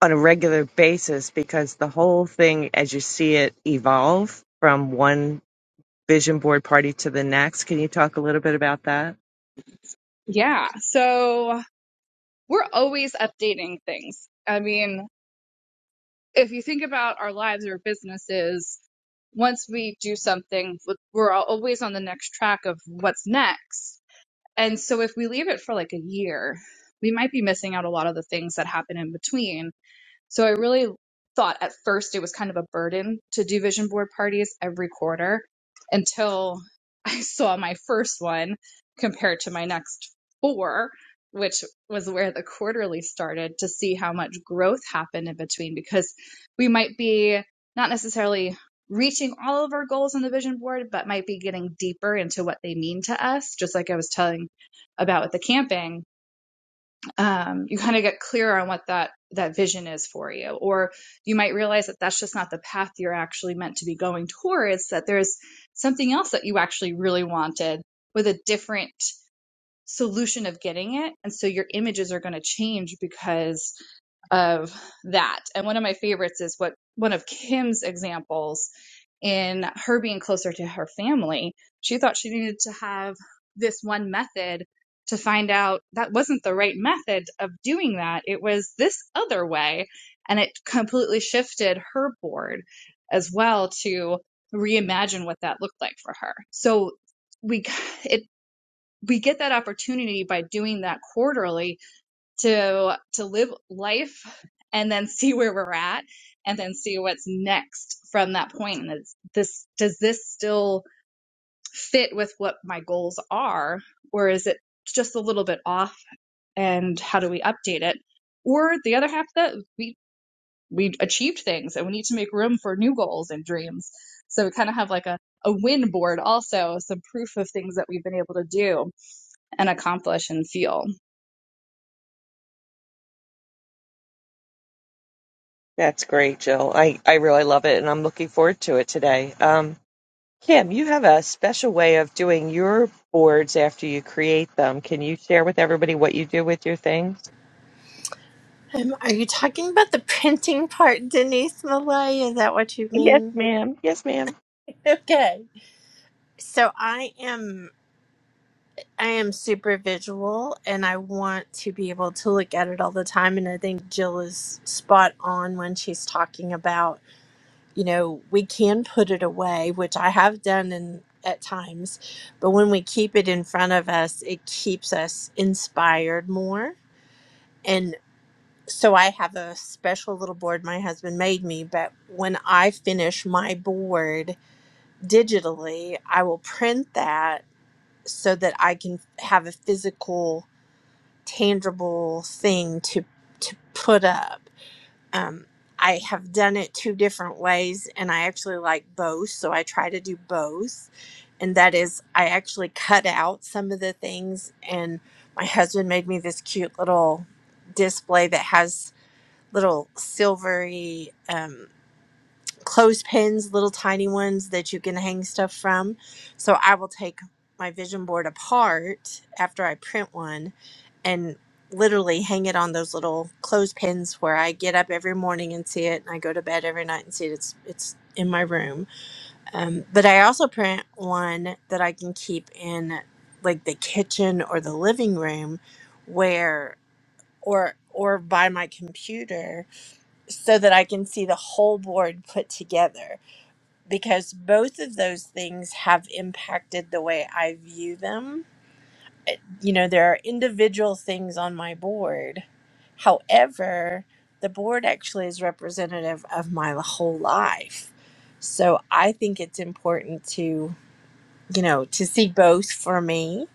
Speaker 2: on a regular basis because the whole thing, as you see it evolve from one vision board party to the next. Can you talk a little bit about that?
Speaker 4: Yeah. So we're always updating things. I mean, if you think about our lives or businesses, once we do something, we're always on the next track of what's next. And so if we leave it for like a year, we might be missing out a lot of the things that happen in between So I really thought at first it was kind of a burden to do vision board parties every quarter until I saw my first one compared to my next four, which was where the quarterly started to see how much growth happened in between because we might be not necessarily reaching all of our goals on the vision board, but might be getting deeper into what they mean to us, just like I was telling about with the camping um, you kind of get clearer on what that that vision is for you or you might realize that that's just not the path you're actually meant to be going towards that there's something else that you actually really wanted with a different solution of getting it and so your images are going to change because of that. And one of my favorites is what one of Kim's examples in her being closer to her family. She thought she needed to have this one method to find out that wasn't the right method of doing that. It was this other way. And it completely shifted her board as well to reimagine what that looked like for her. So we, it, we get that opportunity by doing that quarterly to to live life and then see where we're at and then see what's next from that point point. and is this does this still fit with what my goals are or is it just a little bit off and how do we update it or the other half of that we we achieved things and we need to make room for new goals and dreams so we kind of have like a a win board also some proof of things that we've been able to do and accomplish and feel
Speaker 2: That's great, Jill. I, I really love it, and I'm looking forward to it today. Um, Kim, you have a special way of doing your boards after you create them. Can you share with everybody what you do with your things?
Speaker 3: Um, are you talking about the printing part, Denise Malay? Is that what you
Speaker 2: Yes,
Speaker 3: mean?
Speaker 2: ma'am. Yes, ma'am.
Speaker 3: Okay. So I am I am super visual and I want to be able to look at it all the time and I think Jill is spot on when she's talking about, you know, we can put it away, which I have done in at times, but when we keep it in front of us, it keeps us inspired more. So I have a special little board my husband made me, but when I finish my board digitally, I will print that so that I can have a physical, tangible thing to to put up. Um, I have done it two different ways, and I actually like both, so I try to do both. And that is, I actually cut out some of the things, and my husband made me this cute little display that has little silvery um, clothespins, little tiny ones that you can hang stuff from. So I will take my vision board apart after I print one and literally hang it on those little clothespins where I get up every morning and see it and I go to bed every night and see it. It's it's in my room. Um, but I also print one that I can keep in like the kitchen or the living room where or or by my computer so that I can see the whole board put together because both of those things have impacted the way I view them. You know, there are individual things on my board. However, the board actually is representative of my whole life. So I think it's important to, you know, to see both for me.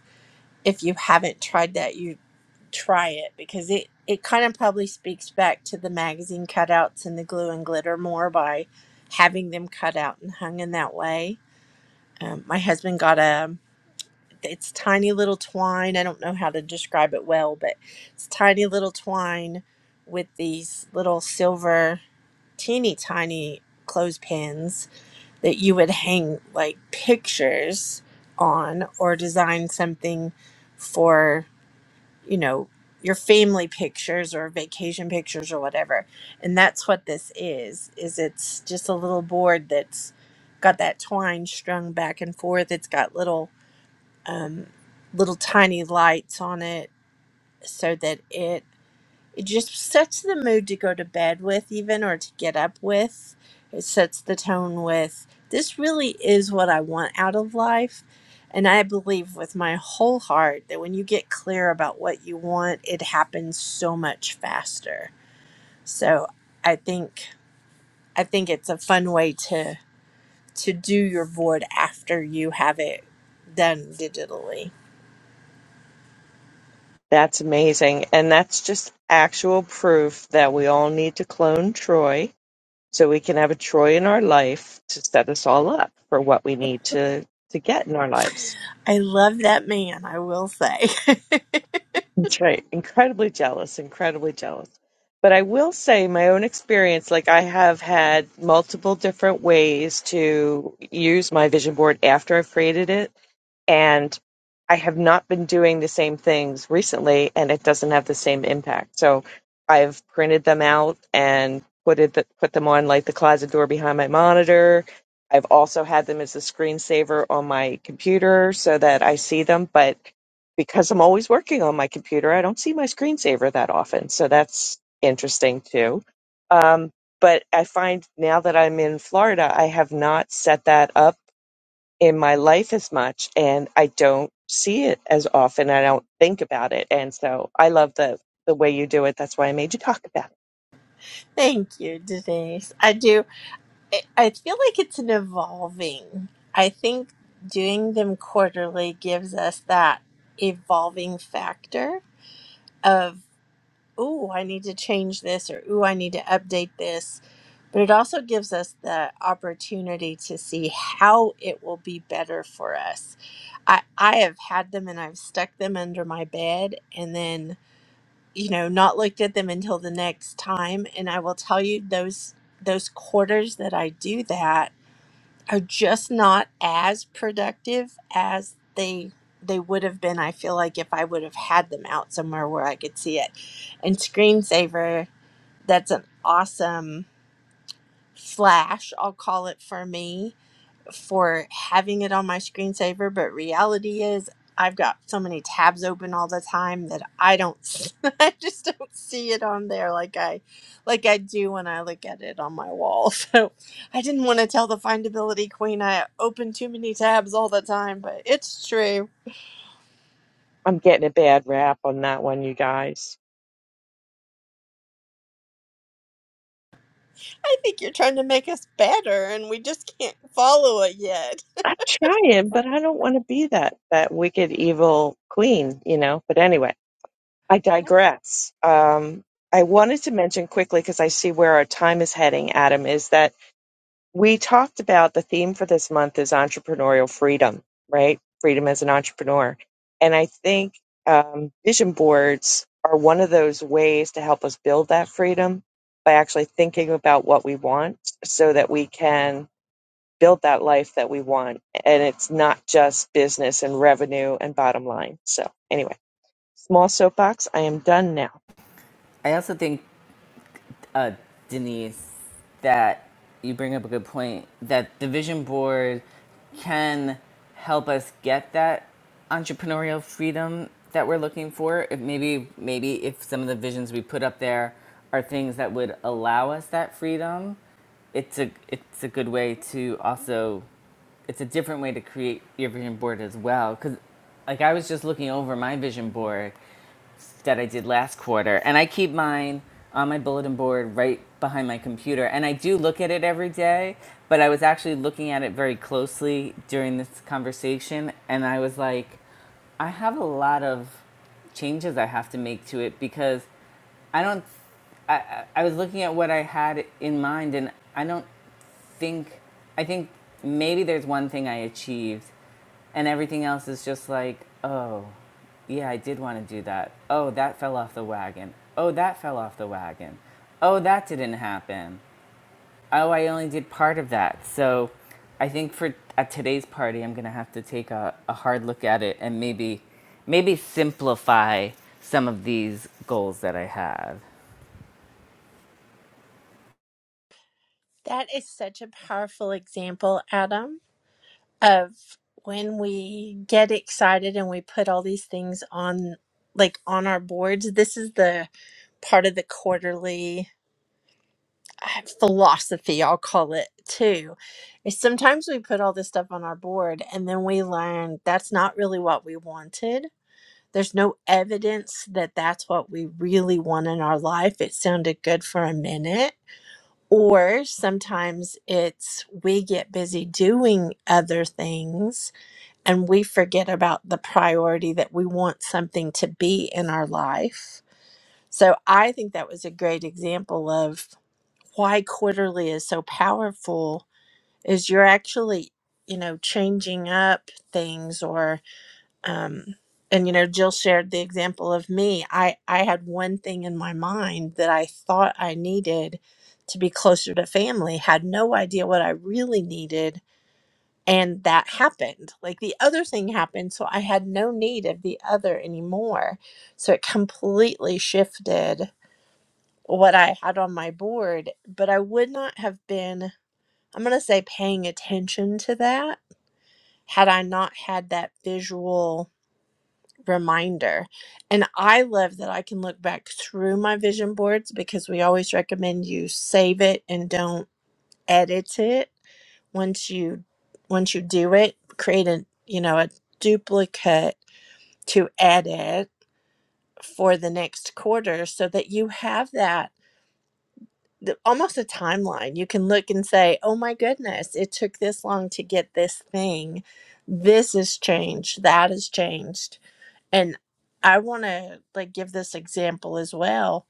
Speaker 3: If you haven't tried that, you try it because it it kind of probably speaks back to the magazine cutouts and the glue and glitter more by having them cut out and hung in that way. Um, my husband got a it's tiny little twine. I don't know how to describe it well, but it's tiny little twine with these little silver teeny tiny clothespins that you would hang like pictures on or design something for you know, your family pictures or vacation pictures or whatever. And that's what this is. Is it's just a little board that's got that twine strung back and forth. It's got little um little tiny lights on it so that it it just sets the mood to go to bed with even or to get up with it sets the tone with this really is what i want out of life and i believe with my whole heart that when you get clear about what you want it happens so much faster so i think i think it's a fun way to to do your board after you have it done digitally
Speaker 2: That's amazing. And that's just actual proof that we all need to clone Troy so we can have a Troy in our life to set us all up for what we need to, to get in our lives.
Speaker 3: i love that man i will say
Speaker 2: That's right. Incredibly jealous, incredibly jealous. But I will say, my own experience, like I have had multiple different ways to use my vision board after I've created it and I have not been doing the same things recently, and it doesn't have the same impact. So I've printed them out and put it put them on like the closet door behind my monitor. I've also had them as a screensaver on my computer so that I see them, but because I'm always working on my computer, I don't see my screensaver that often. So that's interesting too. Um, but I find now that I'm in Florida, I have not set that up in my life as much and I don't see it as often. I don't think about it. And so I love the the way you do it. That's why I made you talk about it.
Speaker 3: Thank you, Denise. I do. I I feel like it's an evolving. I think doing them quarterly gives us that evolving factor of, ooh, I need to change this or ooh, I need to update this. But it also gives us the opportunity to see how it will be better for us. I, I have had them and I've stuck them under my bed and then, you know, not looked at them until the next time. And I will tell you those those quarters that I do that are just not as productive as they they would have been i feel like if i would have had them out somewhere where i could see it and screensaver that's an awesome flash i'll call it for me for having it on my screensaver, but reality is I've got so many tabs open all the time that I don't s- I just don't see it on there like I like I do when I look at it on my wall. So I didn't want to tell the findability queen I open too many tabs all the time, but it's true.
Speaker 2: I'm getting a bad rap on that one, you guys.
Speaker 3: I think you're trying to make us better and we just can't follow it yet.
Speaker 2: I'm trying, but I don't want to be that that wicked evil queen, you know. But anyway, I digress. Um, I wanted to mention quickly because I see where our time is heading, Adam, is that we talked about the theme for this month is entrepreneurial freedom, right? Freedom as an entrepreneur, and I think um, vision boards are one of those ways to help us build that freedom by actually thinking about what we want, so that we can build that life that we want. And it's not just business and revenue and bottom line. So, anyway, small soapbox. I am done now.
Speaker 1: I also think, uh, Denise, that you bring up a good point that the vision board can help us get that entrepreneurial freedom that we're looking for. If maybe, maybe if some of the visions we put up there are things that would allow us that freedom, it's a it's a good way to also it's a different way to create your vision board as well. Because, like, I was just looking over my vision board that I did last quarter, and I keep mine on my bulletin board right behind my computer. And I do look at it every day, but I was actually looking at it very closely during this conversation, and I was like, I have a lot of changes I have to make to it because I don't. I- was looking at what I had in mind, and I don't think. I think maybe there's one thing I achieved and everything else is just like, oh, yeah, I did want to do that. Oh, that fell off the wagon. Oh, that fell off the wagon. Oh, that didn't happen. Oh, I only did part of that. So I think for at today's party, I'm going to have to take a, a hard look at it and maybe maybe simplify some of these goals that I have.
Speaker 3: That is such a powerful example, Adam. of when we get excited and we put all these things on like on our boards this is the part of the quarterly uh, philosophy i'll call it too is sometimes we put all this stuff on our board and then we learn that's not really what we wanted there's no evidence that that's what we really want in our life it sounded good for a minute or sometimes it's we get busy doing other things and we forget about the priority that we want something to be in our life. So I think that was a great example of why quarterly is so powerful is you're actually, you know, changing up things or um and you know Jill shared the example of me. I I had one thing in my mind that I thought I needed to be closer to family, had no idea what I really needed and that happened like the other thing happened so i had no need of the other anymore so it completely shifted what i had on my board but i would not have been i'm going to say paying attention to that had i not had that visual reminder and i love that i can look back through my vision boards because we always recommend you save it and don't edit it once you once you do it create a you know a duplicate to edit for the next quarter so that you have that the, almost a timeline you can look and say oh my goodness it took this long to get this thing this has changed that has changed and i want to like give this example as well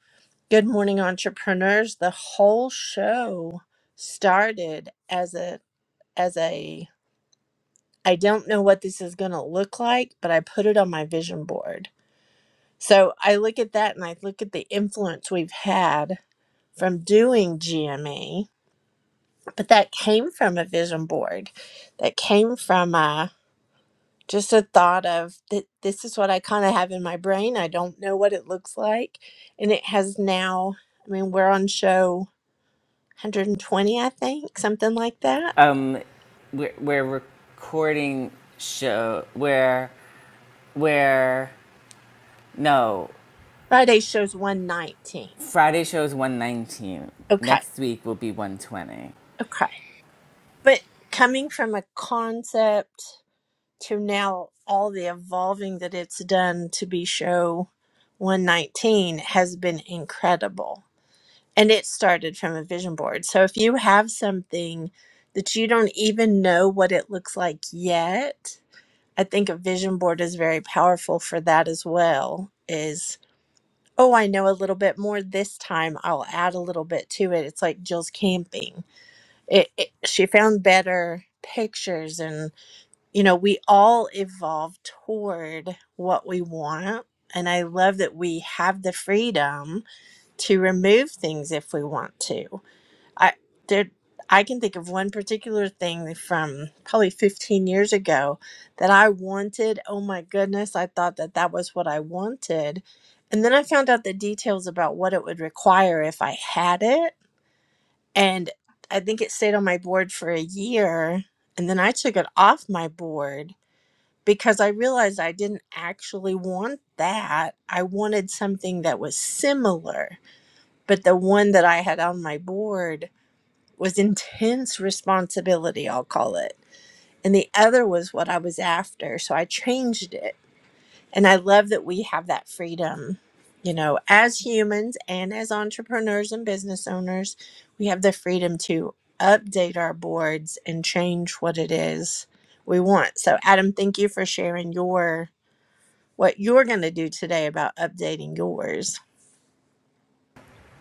Speaker 3: good morning entrepreneurs the whole show started as a as a I don't know what this is going to look like, but I put it on my vision board. So I look at that and I look at the influence we've had from doing GME, but that came from a vision board. That came from uh just a thought of that this is what I kind of have in my brain. I don't know what it looks like. And it has now, I mean, we're on show 120, I think, something like that.
Speaker 1: Um, we're, we're recording show where where no
Speaker 3: Friday shows 119.
Speaker 1: Friday shows 119.
Speaker 3: Okay.
Speaker 1: Next week will be 120.
Speaker 3: Okay. But coming from a concept to now all the evolving that it's done to be show 119 has been incredible. And it started from a vision board. So if you have something that you don't even know what it looks like yet, I think a vision board is very powerful for that as well. Is oh, I know a little bit more this time. I'll add a little bit to it. It's like Jill's camping it, it, she found better pictures and you know we all evolve toward what we want and i love that we have the freedom to remove things if we want to i there i can think of one particular thing from probably 15 years ago that i wanted oh my goodness i thought that that was what i wanted and then i found out the details about what it would require if i had it and I think it stayed on my board for a year. And then I took it off my board because I realized I didn't actually want that. I wanted something that was similar. But the one that I had on my board was intense responsibility, I'll call it. And the other was what I was after. So I changed it and I love that we have that freedom, you know, as humans and as entrepreneurs and business owners, we have the freedom to update our boards and change what it is we want. So, Adam, thank you for sharing your what you're going to do today about updating yours.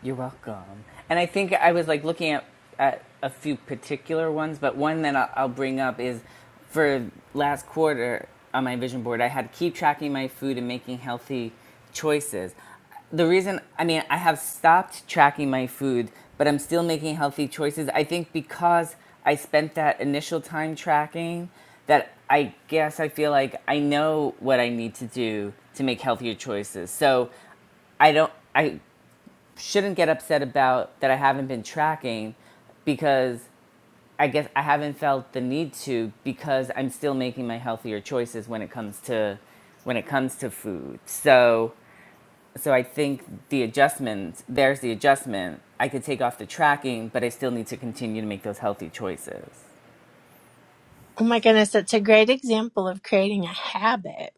Speaker 1: You're welcome. And I think I was like looking at, at a few particular ones, but one that I'll, I'll bring up is for last quarter on my vision board, I had to keep tracking my food and making healthy choices. The reason, I mean, I have stopped tracking my food, but I'm still making healthy choices. I think because I spent that initial time tracking, that I guess I feel like I know what I need to do to make healthier choices. So I don't, I shouldn't get upset about that I haven't been tracking because I guess I haven't felt the need to because I'm still making my healthier choices when it comes to when it comes to food. So so I think the adjustment, there's the adjustment. I could take off the tracking, but I still need to continue to make those healthy choices.
Speaker 3: Oh my goodness, that's a great example of creating a habit.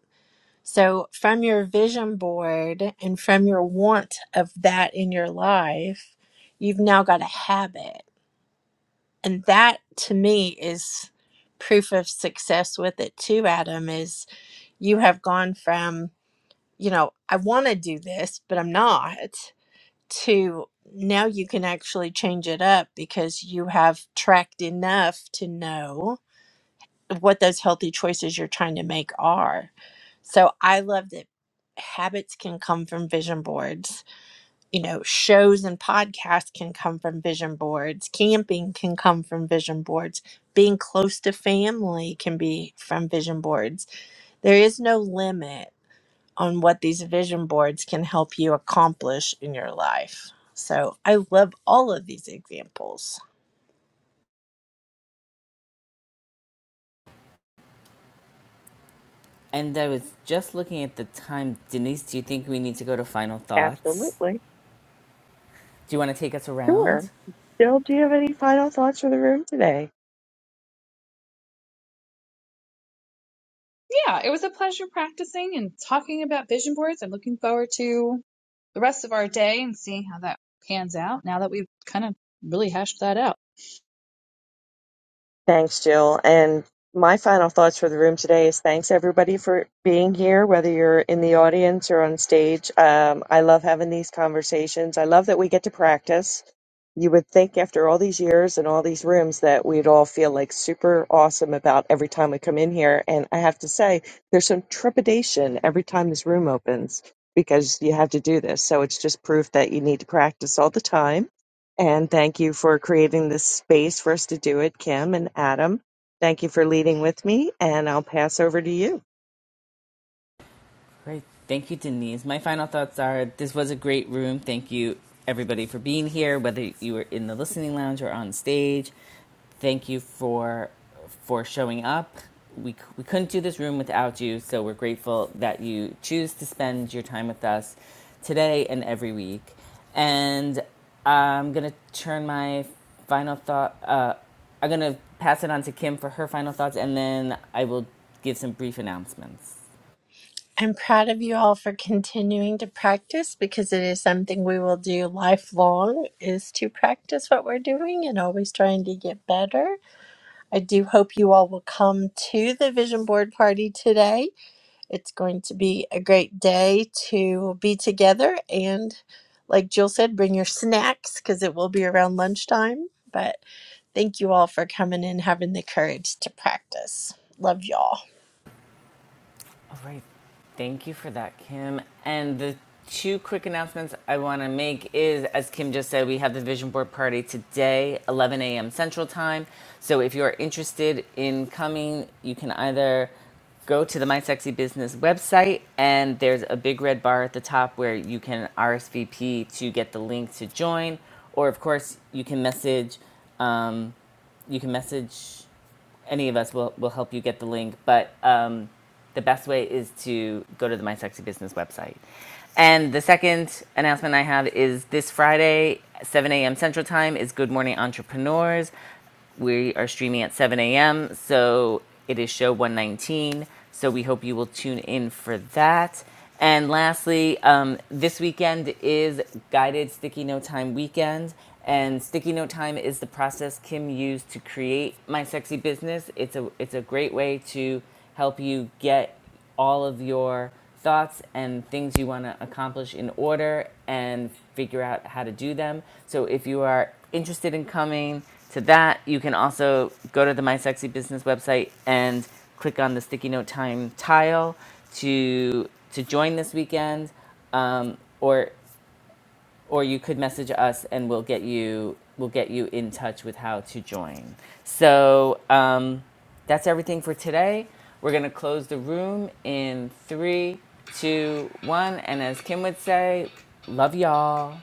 Speaker 3: So, from your vision board and from your want of that in your life, you've now got a habit and that to me is proof of success with it too adam is you have gone from you know i want to do this but i'm not to now you can actually change it up because you have tracked enough to know what those healthy choices you're trying to make are so i love that habits can come from vision boards you know, shows and podcasts can come from vision boards, camping can come from vision boards, being close to family can be from vision boards. There is no limit on what these vision boards can help you accomplish in your life. So I love all of these examples.
Speaker 1: And I was just looking at the time. Denise, do you think we need to go to final thoughts?
Speaker 2: Absolutely.
Speaker 1: Do you want to take us
Speaker 2: Sure.
Speaker 1: around?
Speaker 2: Bill, do you have any final thoughts for the room today?
Speaker 4: yeah, it was a pleasure practicing and talking about vision boards. I'm looking forward to the rest of our day and seeing how that pans out now that we've kind of really hashed that out.
Speaker 2: Thanks, Jill. And my final thoughts for the room today is thanks everybody for being here, whether you're in the audience or on stage. Um, I love having these conversations. I love that we get to practice. You would think after all these years and all these rooms that we'd all feel like super awesome about every time we come in here. And I have to say, there's some trepidation every time this room opens because you have to do this. So it's just proof that you need to practice all the time and thank you for creating this space for us to do it, Kim and Adam. Thank you for leading with me, and I'll pass over to you.
Speaker 1: Great. Thank you, Denise. My final thoughts are this was a great room. Thank you, everybody, for being here, whether you were in the listening lounge or on stage. Thank you for for showing up. We, we couldn't do this room without you, so we're grateful that you choose to spend your time with us today and every week. And I'm going to turn my final thought, uh, I'm going to pass it on to Kim for her final thoughts, and then I will give some brief announcements.
Speaker 3: I'm proud of you all for continuing to practice because it is something we will do lifelong is to practice what we're doing and always trying to get better. I do hope you all will come to the vision board party today. It's going to be a great day to be together. And like Jill said, bring your snacks because it will be around lunchtime. But thank you all for coming and having the courage to practice. Love y'all.
Speaker 1: All right. Thank you for that, Kim. And the two quick announcements I want to make is, as Kim just said, we have the vision board party today, 11 a.m. Central Time. So if you're interested in coming, you can either go to the My Sexy Business website, and there's a big red bar at the top where you can RSVP to get the link to join, or of course you can message um, you can message any of us will, will help you get the link. But um, the best way is to go to the My Sexy Business website. And the second announcement I have is this Friday, 7 a.m. Central Time, is Good Morning Entrepreneurs. We are streaming at 7 a.m., so it is show 119. So we hope you will tune in for that. And lastly, um, this weekend is Guided Sticky Note Time weekend. And sticky note time is the process Kim used to create my sexy business. It's a it's a great way to help you get all of your thoughts and things you want to accomplish in order and figure out how to do them. So if you are interested in coming to that, you can also go to the My Sexy Business website and click on the sticky note time tile to to join this weekend um, or or you could message us and we'll get you we'll get you in touch with how to join. So um, that's everything for today. We're gonna close the room in three, two, one, and as Kim would say, love y'all.